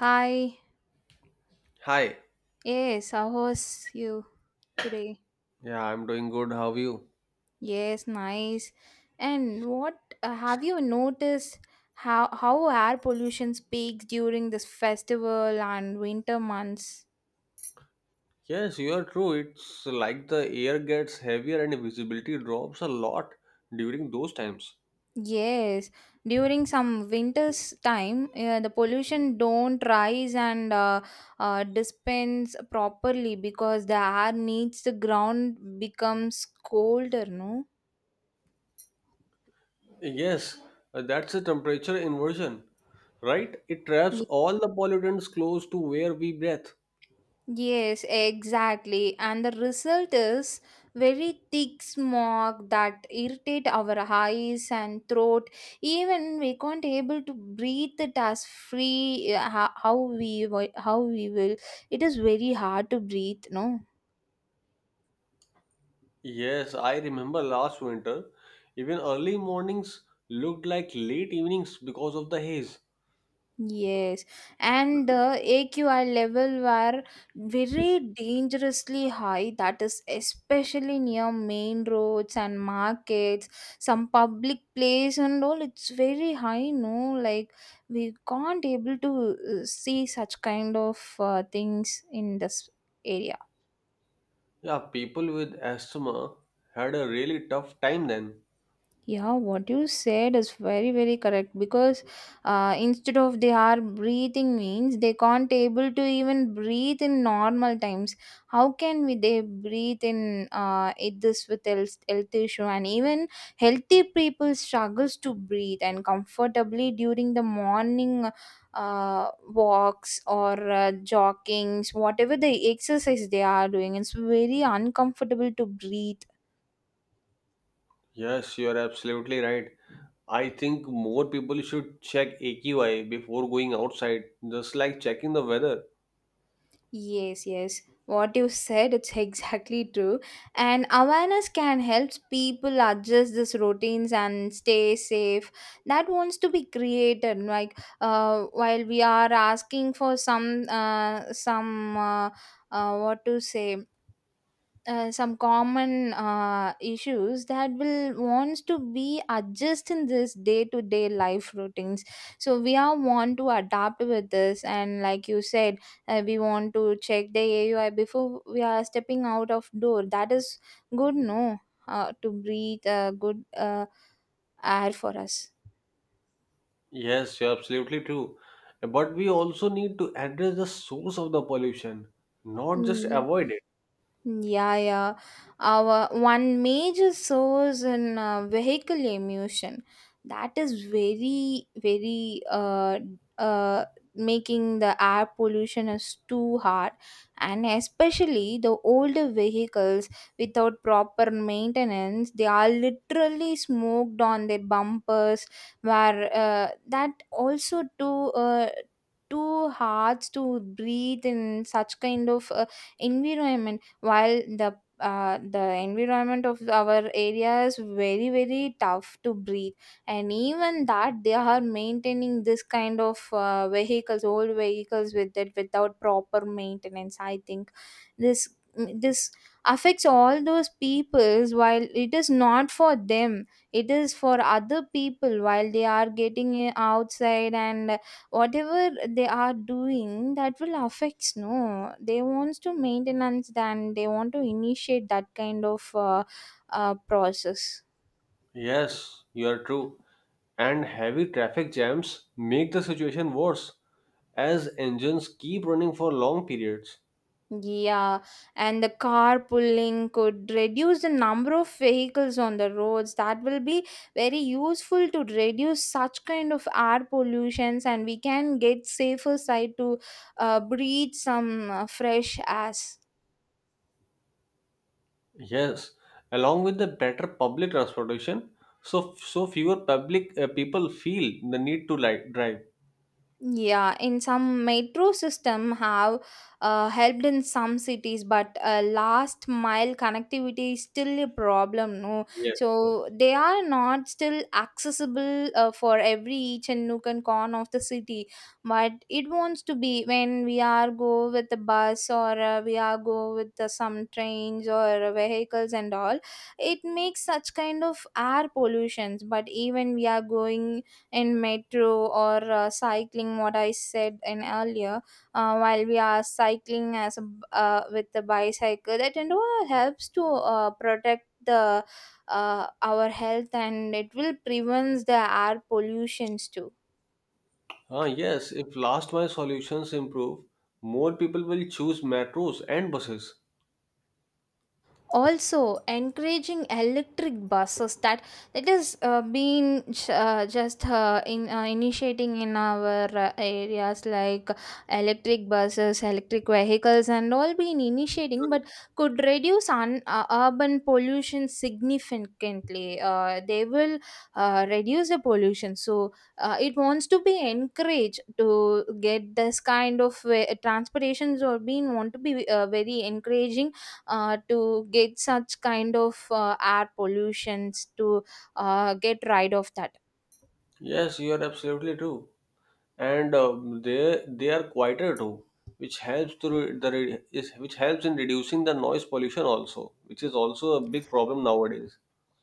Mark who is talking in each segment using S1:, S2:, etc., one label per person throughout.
S1: Hi.
S2: Hi.
S1: Yes, how was you today?
S2: Yeah, I'm doing good. How are you?
S1: Yes, nice. And what have you noticed how air pollution peaks during this festival and winter months?
S2: Yes, you are true. It's like the air gets heavier and visibility drops a lot during those times.
S1: Yes, during some winter's time, the pollution don't rise and dispense properly because the air needs the ground becomes colder, no?
S2: Yes, that's a temperature inversion, right? It traps all the pollutants close to where we breathe.
S1: Yes, exactly. And the result is very thick smog that irritate our eyes and throat. Even we can't able to breathe it as free how we will. It is very hard to breathe, no?
S2: Yes, I remember last winter, even early mornings looked like late evenings because of the haze.
S1: Yes, and the AQI level were very dangerously high. That is especially near main roads and markets, some public place and all. It's very high, no? Like we can't able to see such kind of things in this area.
S2: Yeah, people with asthma had a really tough time then.
S1: Yeah, what you said is very, very correct because instead of they are breathing means they can't able to even breathe in normal times. How can we they breathe in it this with health issue and even healthy people struggles to breathe and comfortably during the morning walks or joggings, whatever the exercise they are doing. It's very uncomfortable to breathe.
S2: Yes, you're absolutely right. I think more people should check AQI before going outside, just like checking the weather.
S1: Yes, yes. What you said, it's exactly true. And awareness can help people adjust these routines and stay safe. That wants to be created. Like, while we are asking for some, what to say some common issues that will wants to be adjust in this day to day life routines, so we are want to adapt with this, and like you said, we want to check the aui before we are stepping out of door, that is good no, to breathe good air for us.
S2: Yes, you're absolutely true. But we also need to address the source of the pollution, not
S1: Mm,
S2: just
S1: yeah.
S2: avoid it.
S1: Yeah, yeah. Our one major source in vehicle emission, that is very, very uh, making the air pollution is too hard, and especially the older vehicles without proper maintenance, they are literally smoked on their bumpers. Where that also too too hard to breathe in such kind of environment, while the environment of our area is very very tough to breathe, and even that they are maintaining this kind of vehicles, old vehicles with it without proper maintenance, I think this this affects all those peoples, while it is not for them, it is for other people, while they are getting outside, and whatever they are doing that will affects no, they wants to maintenance, then they want to initiate that kind of process.
S2: Yes, you are true. And heavy traffic jams make the situation worse as engines keep running for long periods.
S1: Yeah, and the carpooling could reduce the number of vehicles on the roads, that will be very useful to reduce such kind of air pollutions, and we can get safer side to breathe some fresh air.
S2: Yes, along with the better public transportation, so fewer public people feel the need to like drive.
S1: Yeah, in some metro system have helped in some cities, but last mile connectivity is still a problem. No,
S2: Yes.
S1: so they are not still accessible for every each and nook and corner of the city. But it wants to be when we are go with the bus, or we are go with the some trains or vehicles and all. It makes such kind of air pollutions. But even we are going in metro, or cycling, what I said in earlier, while we are cycling as a b with the bicycle, that and all helps to protect the our health, and it will prevents the air pollutions too.
S2: Ah, yes, if last mile solutions improve, more people will choose metros and buses.
S1: Also encouraging electric buses, that that is been just in initiating in our areas, like electric buses, electric vehicles and all been initiating, but could reduce urban pollution significantly, they will reduce the pollution, so it wants to be encouraged to get this kind of transportations, or being want to be very encouraging to get such kind of air pollutions to get rid of that.
S2: Yes, you are absolutely true. And they are quieter too, which helps to re- the re- is which helps in reducing the noise pollution also, which is also a big problem nowadays.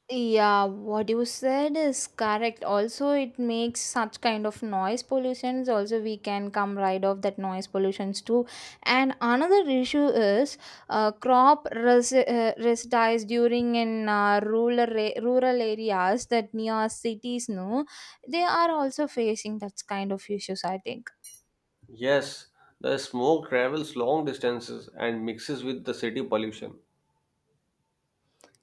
S1: Yeah, what you said is correct, also it makes such kind of noise pollutions, also we can come rid of that noise pollutions too. And another issue is residues during in rural areas that near cities, no, they are also facing that kind of issues, I think.
S2: Yes, the smoke travels long distances and mixes with the city pollution.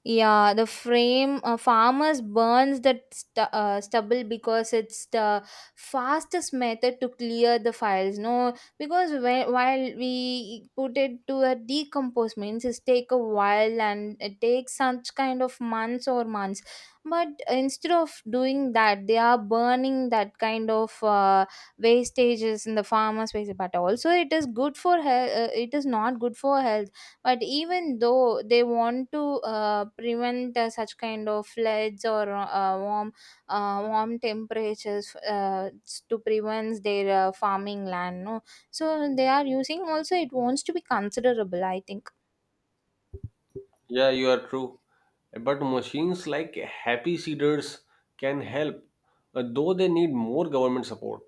S1: Yeah, the frame farmers burns that stubble because it's the fastest method to clear the files. No, because while we put it to a decompose means it take a while, and it takes such kind of months or months. But instead of doing that, they are burning that kind of wastages in the farmers' waste. But also, it is good for health. It is not good for health, but even though they want to prevent such kind of floods or warm temperatures to prevent their farming land, no, so they are using, also it wants to be considerable, I think.
S2: Yeah, you are true. But machines like Happy Seeders can help, though they need more government support.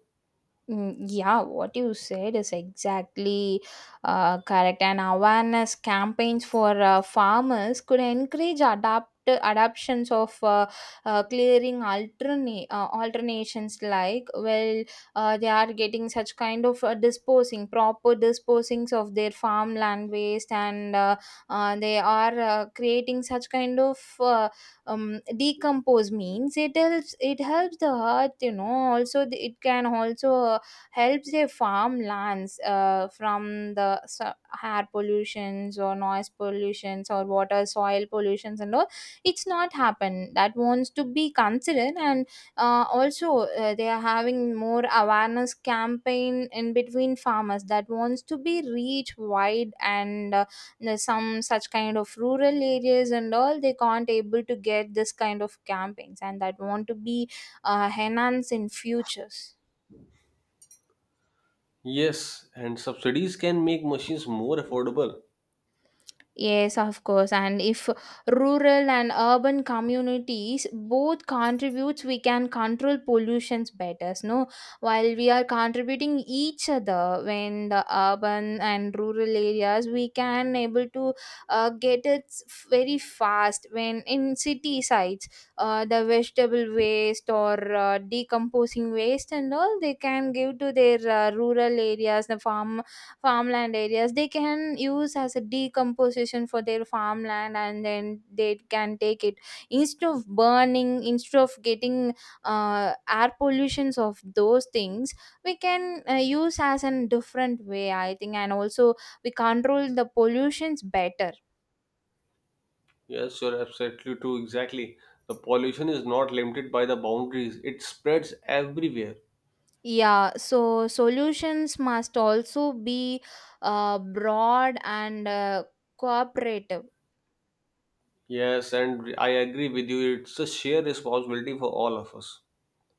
S1: Mm, yeah, what you said is exactly correct. And awareness campaigns for farmers could encourage adapt adoptions of clearing alternate alternations, like well, they are getting such kind of disposing, proper disposings of their farmland waste, and they are creating such kind of decompose means it helps, it helps the earth you know, also the, it can also helps their farmlands from the air pollutions or noise pollutions or water soil pollutions and all, it's not happen, that wants to be considered, and also they are having more awareness campaign in between farmers, that wants to be reach wide, and there's some such kind of rural areas and all, they can't able to get this kind of campaigns, and that want to be enhanced in futures.
S2: Yes, and subsidies can make machines more affordable.
S1: Yes, of course. And if rural and urban communities both contributes, we can control pollutions better. No, while we are contributing each other, when the urban and rural areas, we can able to get it very fast. When in city sites, the vegetable waste or decomposing waste and all, they can give to their rural areas, the farm farmland areas, they can use as a decomposition for their farmland, and then they can take it instead of burning, instead of getting air pollutions of those things, we can use as a different way, I think, and also we control the pollutions better.
S2: Yes, you're absolutely true. Exactly. The pollution is not limited by the boundaries, it spreads everywhere.
S1: Yeah, so solutions must also be broad and cooperative.
S2: Yes, and I agree with you. It's a shared responsibility for all of us.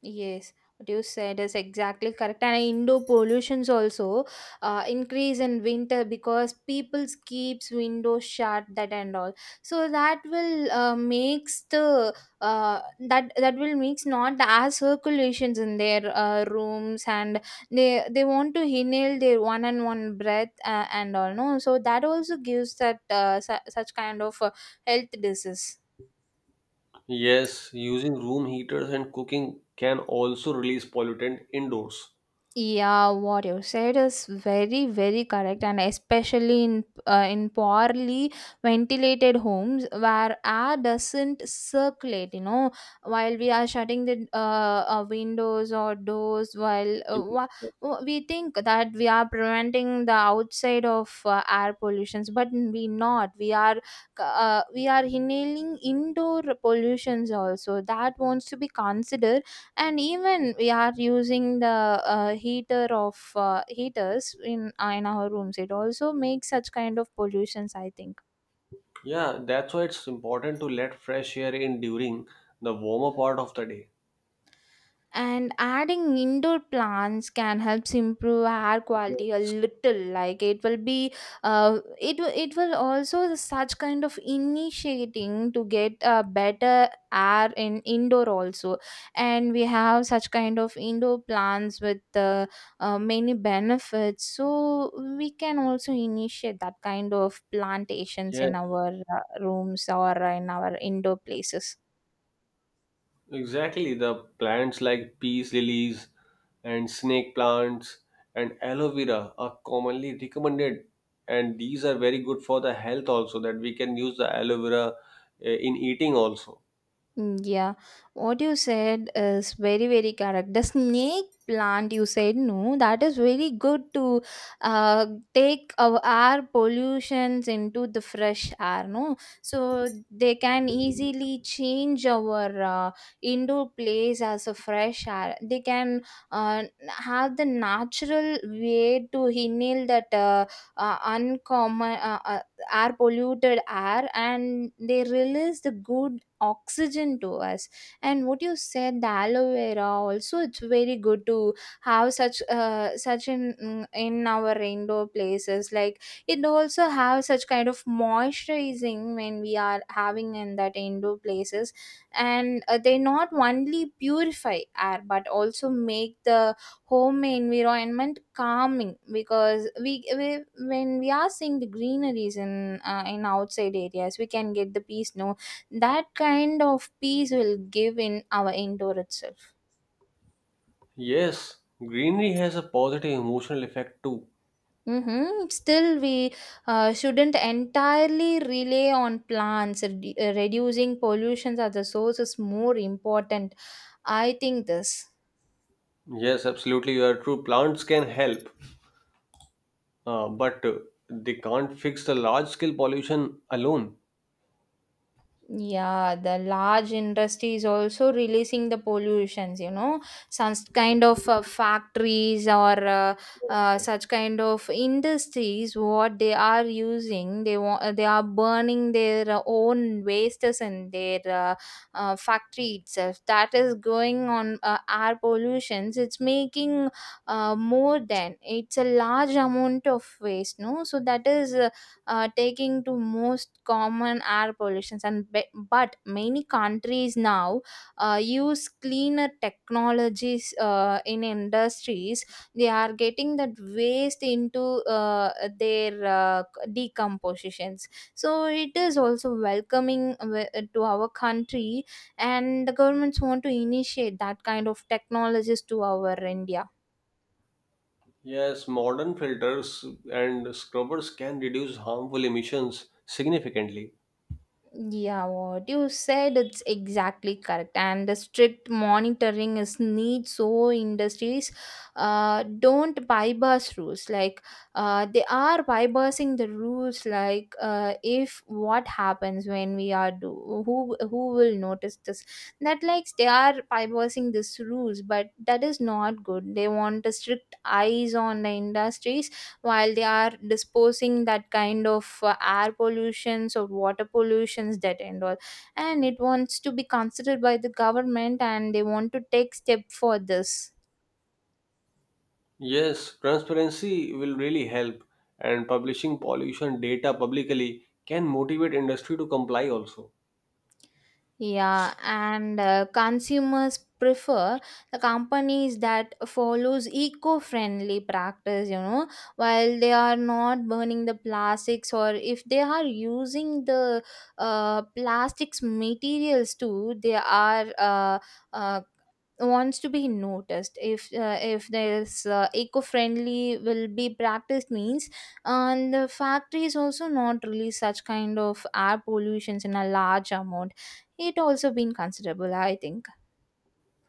S1: Yes, what you said is exactly correct. And indoor pollutions also increase in winter because people keeps windows shut that and all. So that will makes the uh, that will makes not as circulations in their rooms, and they want to inhale their one and one breath and all. No, so that also gives that such kind of health disease.
S2: Yes, using room heaters and cooking can also release pollutant indoors.
S1: Yeah, what you said is very, very correct, and especially in poorly ventilated homes where air doesn't circulate. You know, while we are shutting the windows or doors, while
S2: Mhm.
S1: we think that we are preventing the outside of air pollutions, but we not. We are inhaling indoor pollutions also. That wants to be considered, and even we are using the heaters in our rooms, it also makes such kind of pollutions, I think.
S2: Yeah, that's why it's important to let fresh air in during the warmer part of the day.
S1: And adding indoor plants can helps improve air quality a little. Like it will be, it will also such kind of initiating to get a better air in indoor also. And we have such kind of indoor plants with many benefits. So we can also initiate that kind of plantations
S2: Yes.
S1: in our rooms or in our indoor places.
S2: Exactly, the plants like peace lilies and snake plants and aloe vera are commonly recommended, and these are very good for the health also. That we can use the aloe vera eh, in eating also.
S1: Mm, yeah, what you said is very, very correct. The snake plant, you said, no, that is very good to uh, take our air pollutions into the fresh air, no? So they can easily change our indoor place as a fresh air. They can have the natural way to inhale that uncommon air polluted air, and they release the good oxygen to us. And what you said, the aloe vera also, it's very good to have such in in our indoor places, like it also have such kind of moisturizing when we are having in that indoor places. And they not only purify air but also make the home environment calming, because we when we are seeing the greeneries in outside areas, we can get the peace, no? That kind of peace will give in our indoor itself.
S2: Yes, greenery has a positive emotional effect too.
S1: Hmm, still we shouldn't entirely rely on plants. Reducing pollutions at the source is more important, I think this.
S2: Yes, absolutely, you are true. Plants can help, but they can't fix the large scale pollution alone.
S1: Yeah, the large industries also releasing the pollutions, such kind of factories or such kind of industries, what they are using, they want, they are burning their own wastes in their factory itself. That is going on air pollutions. It's making more than it's a large amount of waste, no? So that is taking to most common air pollutions and but many countries now use cleaner technologies in industries. They are getting that waste into uh, their decompositions, so it is also welcoming to our country, and the governments want to initiate that kind of technologies to our India.
S2: Yes, modern filters and scrubbers can reduce harmful emissions significantly.
S1: Yeah, what you said it's exactly correct, and the strict monitoring is need, so industries don't bypass rules. Like they are bypassing the rules. Like if what happens when we are do, who will notice this? That, like, they are bypassing these rules, but that is not good. They want a strict eyes on the industries while they are disposing that kind of air pollutions or water pollutions, that and all, and it wants to be considered by the government, and they want to take step for this.
S2: Yes, transparency will really help, and publishing pollution data publicly can motivate industry to comply also.
S1: Yeah, and consumers prefer the companies that follows eco-friendly practice, while they are not burning the plastics, or if they are using the plastics materials too, they are uh, wants to be noticed, if there's eco-friendly will be practiced means, and the factories also not release such kind of air pollutions in a large amount, it also been considerable, I think.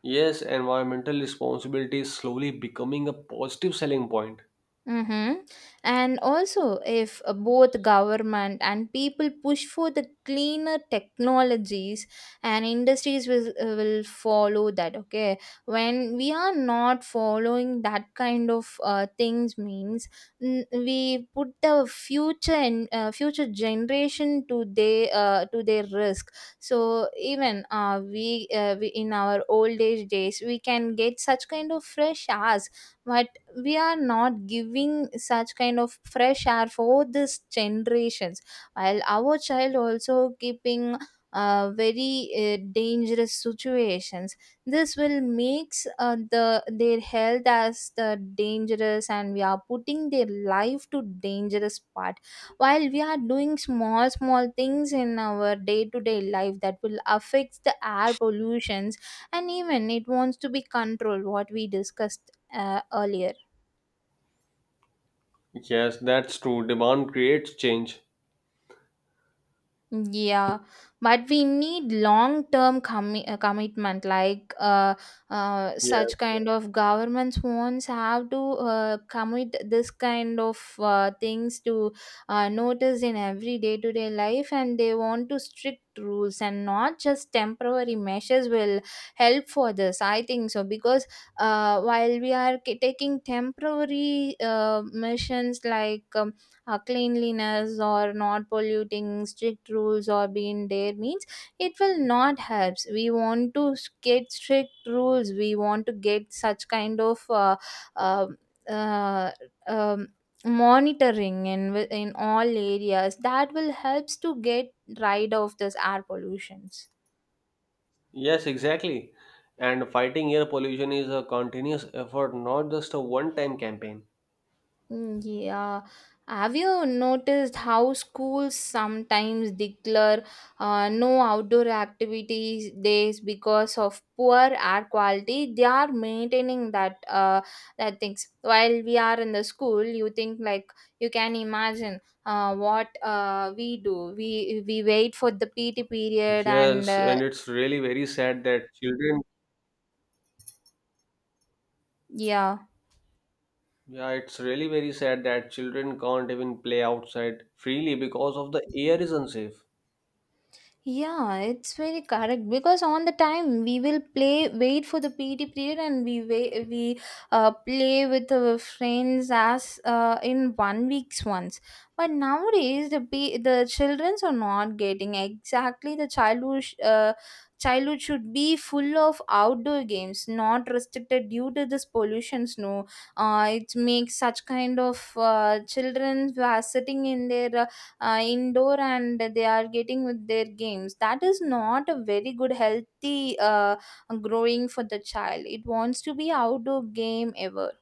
S2: Yes, environmental responsibility is slowly becoming a positive selling point.
S1: Mm-hmm. And also, if both government and people push for the cleaner technologies, and industries will follow that. Okay, when we are not following that kind of things, means, we put the future and future generation to their risk. So even we in our old age days, we can get such kind of fresh hours, but we are not giving such kind of fresh air for this generations, while our child also keeping very dangerous situations. This will makes the their health as the dangerous, and we are putting their life to dangerous part, while we are doing small small things in our day to day life that will affect the air pollutions, and even it wants to be controlled what we discussed earlier.
S2: Yes, that's true. Demand creates change.
S1: Yeah, but we need long-term commitment. Like,
S2: Yes,
S1: such kind
S2: yes,
S1: of governments wants have to commit this kind of things to notice in every day-to-day life, and they want to strict rules, and not just temporary measures will help for this. I think so, because while we are taking temporary missions like cleanliness or not polluting strict rules or being there means, it will not helps, we want to get strict rules, we want to get such kind of uh, uh, um, monitoring in all areas that will helps to get rid of this air pollutions.
S2: Yes, exactly. And fighting air pollution is a continuous effort, not just a one-time campaign.
S1: Mm, yeah. Have you noticed how schools sometimes declare no outdoor activities days because of poor air quality? They are maintaining that things. While we are in the school, you think like you can imagine what we do. We wait for the PT period and
S2: Yes, and it's really very sad that children.
S1: yeah.
S2: Yeah, it's really very sad that children can't even play outside freely because of the air is unsafe.
S1: Yeah, it's very correct because on the time we will play, wait for the PT period, and we wait, we play with our friends as in one week's once. But nowadays the childrens are not getting exactly the childhood. Childhood should be full of outdoor games, not restricted due to this pollutions. No, it makes such kind of children who are sitting in their indoor, and they are getting with their games, that is not a very good healthy growing for the child, it wants to be outdoor game ever.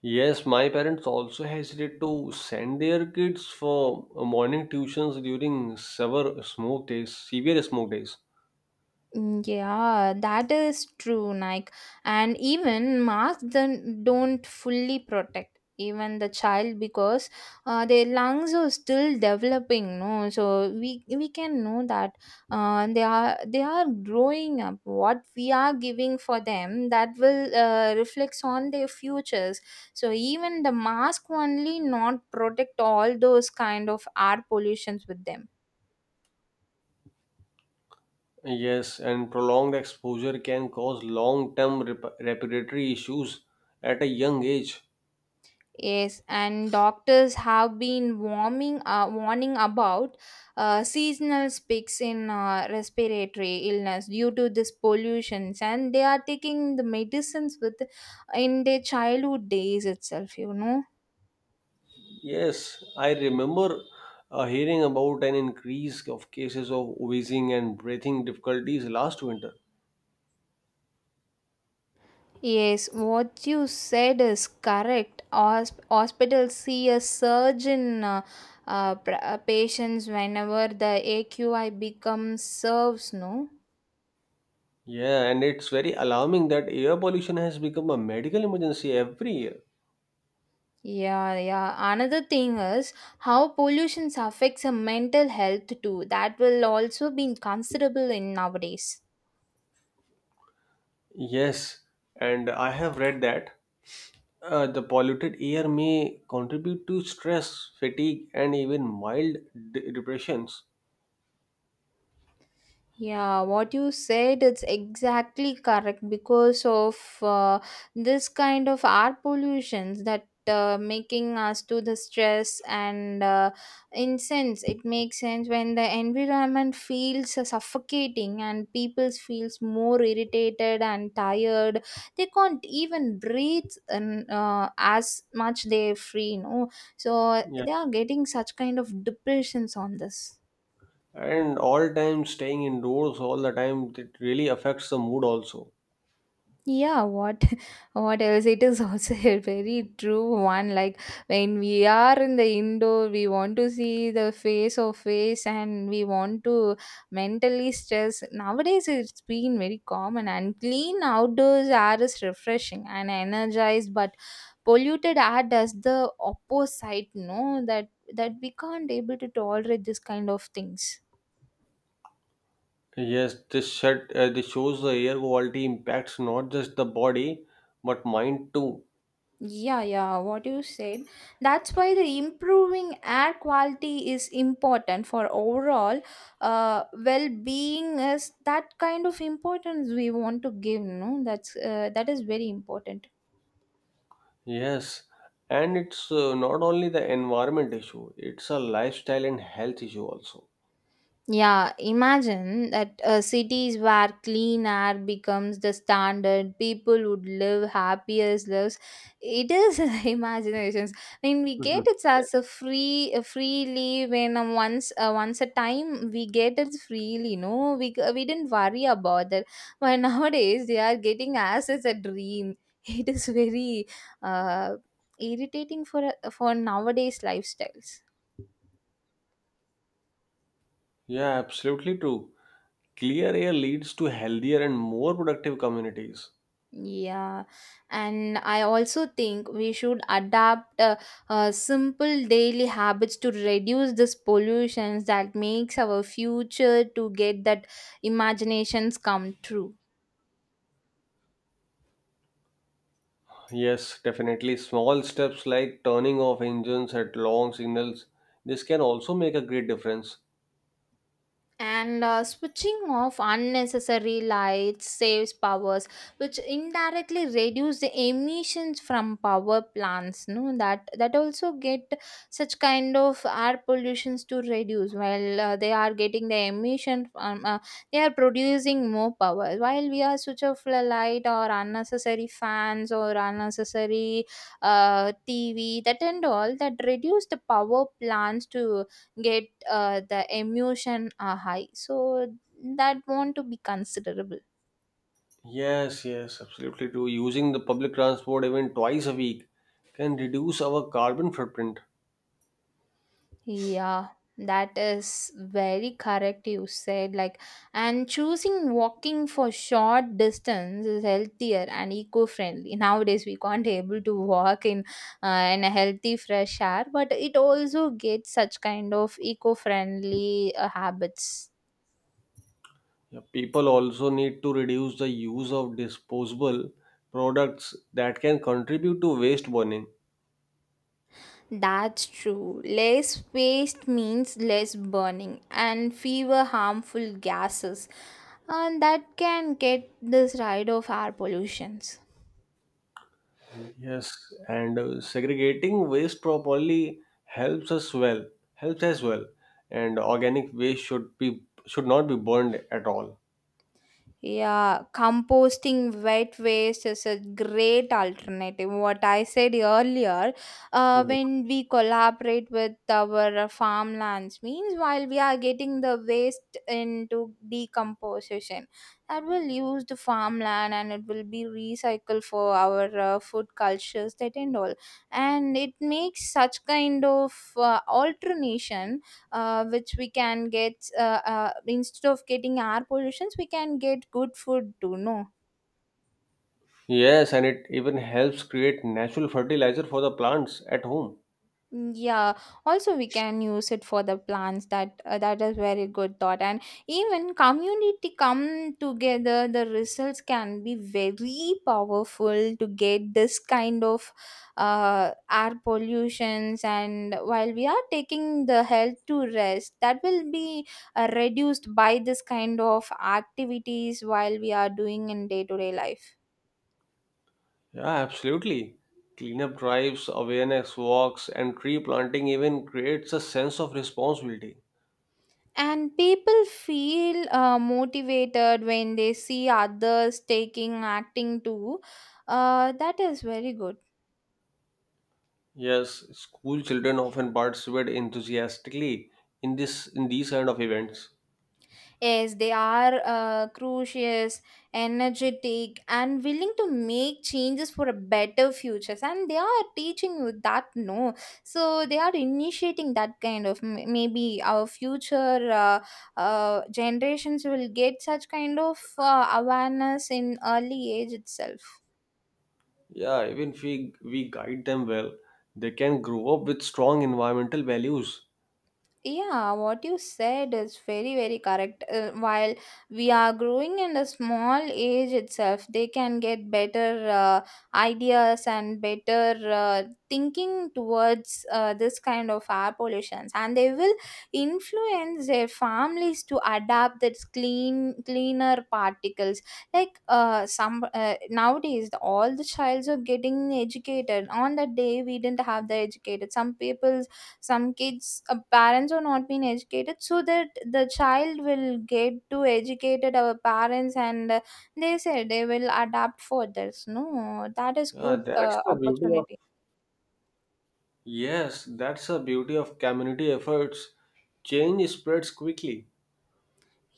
S2: Yes, my parents also hesitate to send their kids for morning tuitions during severe smoke days, severe smoke days.
S1: Mm, yeah, that is true, Nike. And even masks then don't fully protect even the child, because their lungs are still developing. No, so we can know that they are growing up. What we are giving for them, that will reflects on their futures. So even the mask only not protect all those kind of air pollutions with them.
S2: Yes, and prolonged exposure can cause long-term respiratory issues at a young age.
S1: Yes, and doctors have been warning about seasonal spikes in respiratory illness due to this pollutions, and they are taking the medicines with in their childhood days itself. You know.
S2: Yes, I remember hearing about an increase of cases of wheezing and breathing difficulties last winter.
S1: Yes, what you said is correct. Hospitals see a surge in patients whenever the AQI becomes serves. No.
S2: Yeah, and it's very alarming that air pollution has become a medical emergency every year.
S1: Yeah, yeah. Another thing is how pollution affects our mental health too. That will also be considerable in nowadays.
S2: Yes, and I have read that the polluted air may contribute to stress, fatigue, and even mild depressions.
S1: Yeah, what you said, it's exactly correct because of this kind of air pollutions, that making us to the stress, and in sense it makes sense when the environment feels suffocating and people feels more irritated and tired, they can't even breathe, and as much they free, no. So
S2: Yeah,
S1: they are getting such kind of depressions on this.
S2: and all time staying indoors all the time it really affects the mood also.
S1: Yeah, what what else it is also a very true one. Like, when we are in the indoor, we want to see the face of face, and we want to mentally stress. Nowadays it's been very common, and clean outdoors air is refreshing and energized, but polluted air does the opposite, no, that we can't able to tolerate this kind of things.
S2: Yes, this shows the air quality impacts not just the body but mind too.
S1: Yeah, yeah, what you said. That's why the improving air quality is important for overall well-being, is that kind of importance we want to give, no? That is very important.
S2: Yes, and it's not only the environment issue, it's a lifestyle and health issue also.
S1: Yeah, imagine that cities where clean air becomes the standard, people would live happiest lives. It is imaginations. I mean, we get
S2: Mhm.
S1: it as a freely when once a time we get it freely. No, we didn't worry about that. But nowadays they are getting as it's a dream. It is very uh, irritating for nowadays lifestyles.
S2: Yeah, absolutely true. Clear air leads to healthier and more productive communities.
S1: Yeah, and I also think we should adapt simple daily habits to reduce this pollutions that makes our future to get that imaginations come true.
S2: Yes, definitely. Small steps like turning off engines at long signals, this can also make a great difference.
S1: And switching off unnecessary lights saves powers, which indirectly reduce the emissions from power plants, no, that also get such kind of air pollutions to reduce, while they are getting the emission from they are producing more power, while we are switch off the light or unnecessary fans or unnecessary tv, that and all, that reduce the power plants to get the emotion high, so that want to be considerable.
S2: Yes, yes, absolutely true. Using the public transport even twice a week can reduce our carbon footprint.
S1: Yeah, that is very correct, you said. Like, and choosing walking for short distance is healthier and eco-friendly. Nowadays we can't able to walk in a healthy fresh air, but it also gets such kind of eco-friendly habits.
S2: Yeah, people also need to reduce the use of disposable products that can contribute to waste burning.
S1: That's true. Less waste means less burning and fewer harmful gases, and that can get this rid of air pollutions.
S2: Yes, and segregating waste properly helps as well. Helps as well, and organic waste should not be burned at all.
S1: Yeah, composting wet waste is a great alternative. What I said earlier,
S2: Mhm.
S1: when we collaborate with our farmlands, means, while we are getting the waste into decomposition, that will use the farmland and it will be recycled for our food cultures, that and all. And it makes such kind of alternation which we can get, instead of getting air pollutions, we can get good food too, no.
S2: Yes, and it even helps create natural fertilizer for the plants at home.
S1: Mm, yeah, also we can use it for the plants, that is very good thought. And even community come together, the results can be very powerful to get this kind of air pollutions, and while we are taking the health to rest, that will be reduced by this kind of activities while we are doing in day to day life.
S2: Yeah, absolutely. Cleanup drives, awareness walks, and tree planting even creates a sense of responsibility.
S1: And people feel motivated when they see others taking acting too. That is very good.
S2: Yes, school children often participate enthusiastically in these kind of events.
S1: Yes, they are curious, energetic, and willing to make changes for a better future. And they are teaching you that, no. So they are initiating that kind of maybe our future generations will get such kind of awareness in early age itself.
S2: Yeah, even if we guide them well, they can grow up with strong environmental values.
S1: Yeah, what you said is very, very correct. While we are growing in a small age itself, they can get better ideas and better thinking towards this kind of air pollutions, and they will influence their families to adapt that clean, cleaner particles. Like some nowadays, all the childs are getting educated. On that day, we didn't have the educated. Some people, some kids parents are not being educated, so that the child will get to educated our parents, and they say they will adapt for this, no, that is
S2: Yeah,
S1: good
S2: that's the beauty of
S1: opportunity.
S2: yes, that's the beauty of community efforts. Change spreads quickly.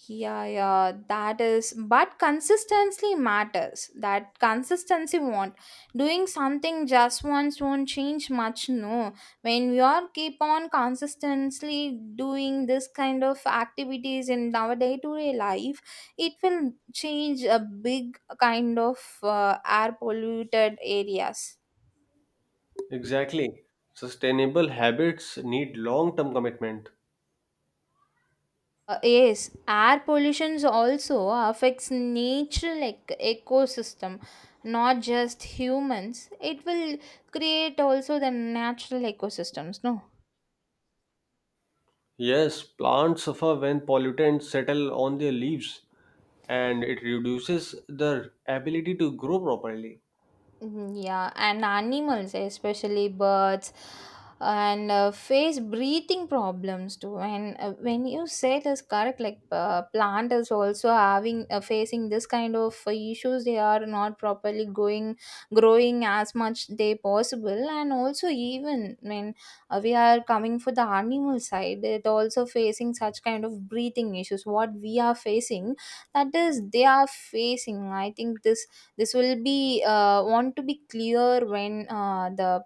S1: Yeah, yeah, that is, but consistency matters. That consistency won't. Doing something just once won't change much, no. When we are keep on consistently doing this kind of activities in our day-to-day life, it will change a big kind of air polluted areas.
S2: Exactly. Sustainable habits need long-term commitment.
S1: Yes, air pollution also affects natural ecosystem, not just humans. It will create also the natural ecosystems, no?
S2: Yes, plants suffer when pollutants settle on their leaves and it reduces their ability to grow properly.
S1: Mhm, yeah, and animals, especially birds, and face breathing problems too. And when you say this correct, like plant is also having facing this kind of issues. They are not properly going, growing as much they possible, and also even when we are coming for the animal side, it also facing such kind of breathing issues. What we are facing, that is, they are facing. I think this will be want to be clear when the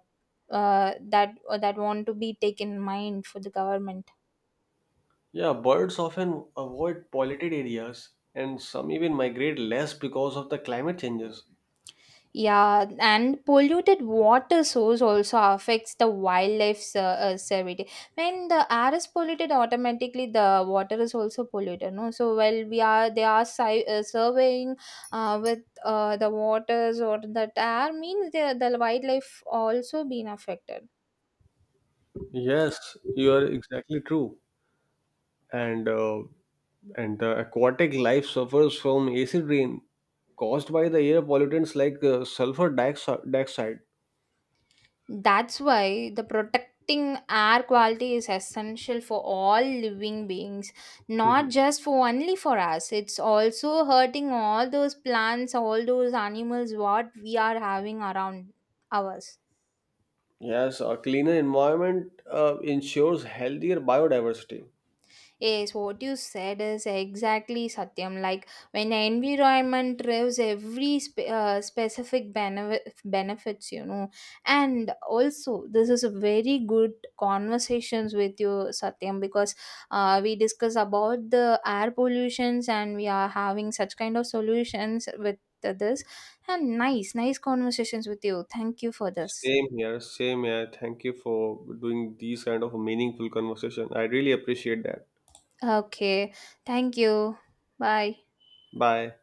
S1: uh, that that want to be taken in mind for the government.
S2: Yeah, birds often avoid polluted areas and some even migrate less because of the climate changes.
S1: Yeah, and polluted water source also affects the wildlife survey. When the air is polluted, automatically the water is also polluted, no. So while we are, they are surveying with the waters or that air means, the wildlife also been affected.
S2: Yes, you are exactly true. And the aquatic life suffers from acid rain caused by the air pollutants like dioxide.
S1: That's why the protecting air quality is essential for all living beings, not
S2: Mhm.
S1: just for only for us. It's also hurting all those plants, all those animals what we are having around ours.
S2: Yes, a cleaner environment ensures healthier biodiversity.
S1: Yes, what you said is exactly, Satyam. Like when environment drives every specific benefits. And also, this is a very good conversations with you, Satyam, because we discuss about the air pollutions, and we are having such kind of solutions with this. And nice, nice conversations with you. Thank you for this.
S2: Same here, same here. Thank you for doing these kind of meaningful conversation. I really appreciate that.
S1: Okay, thank you. Bye.
S2: Bye.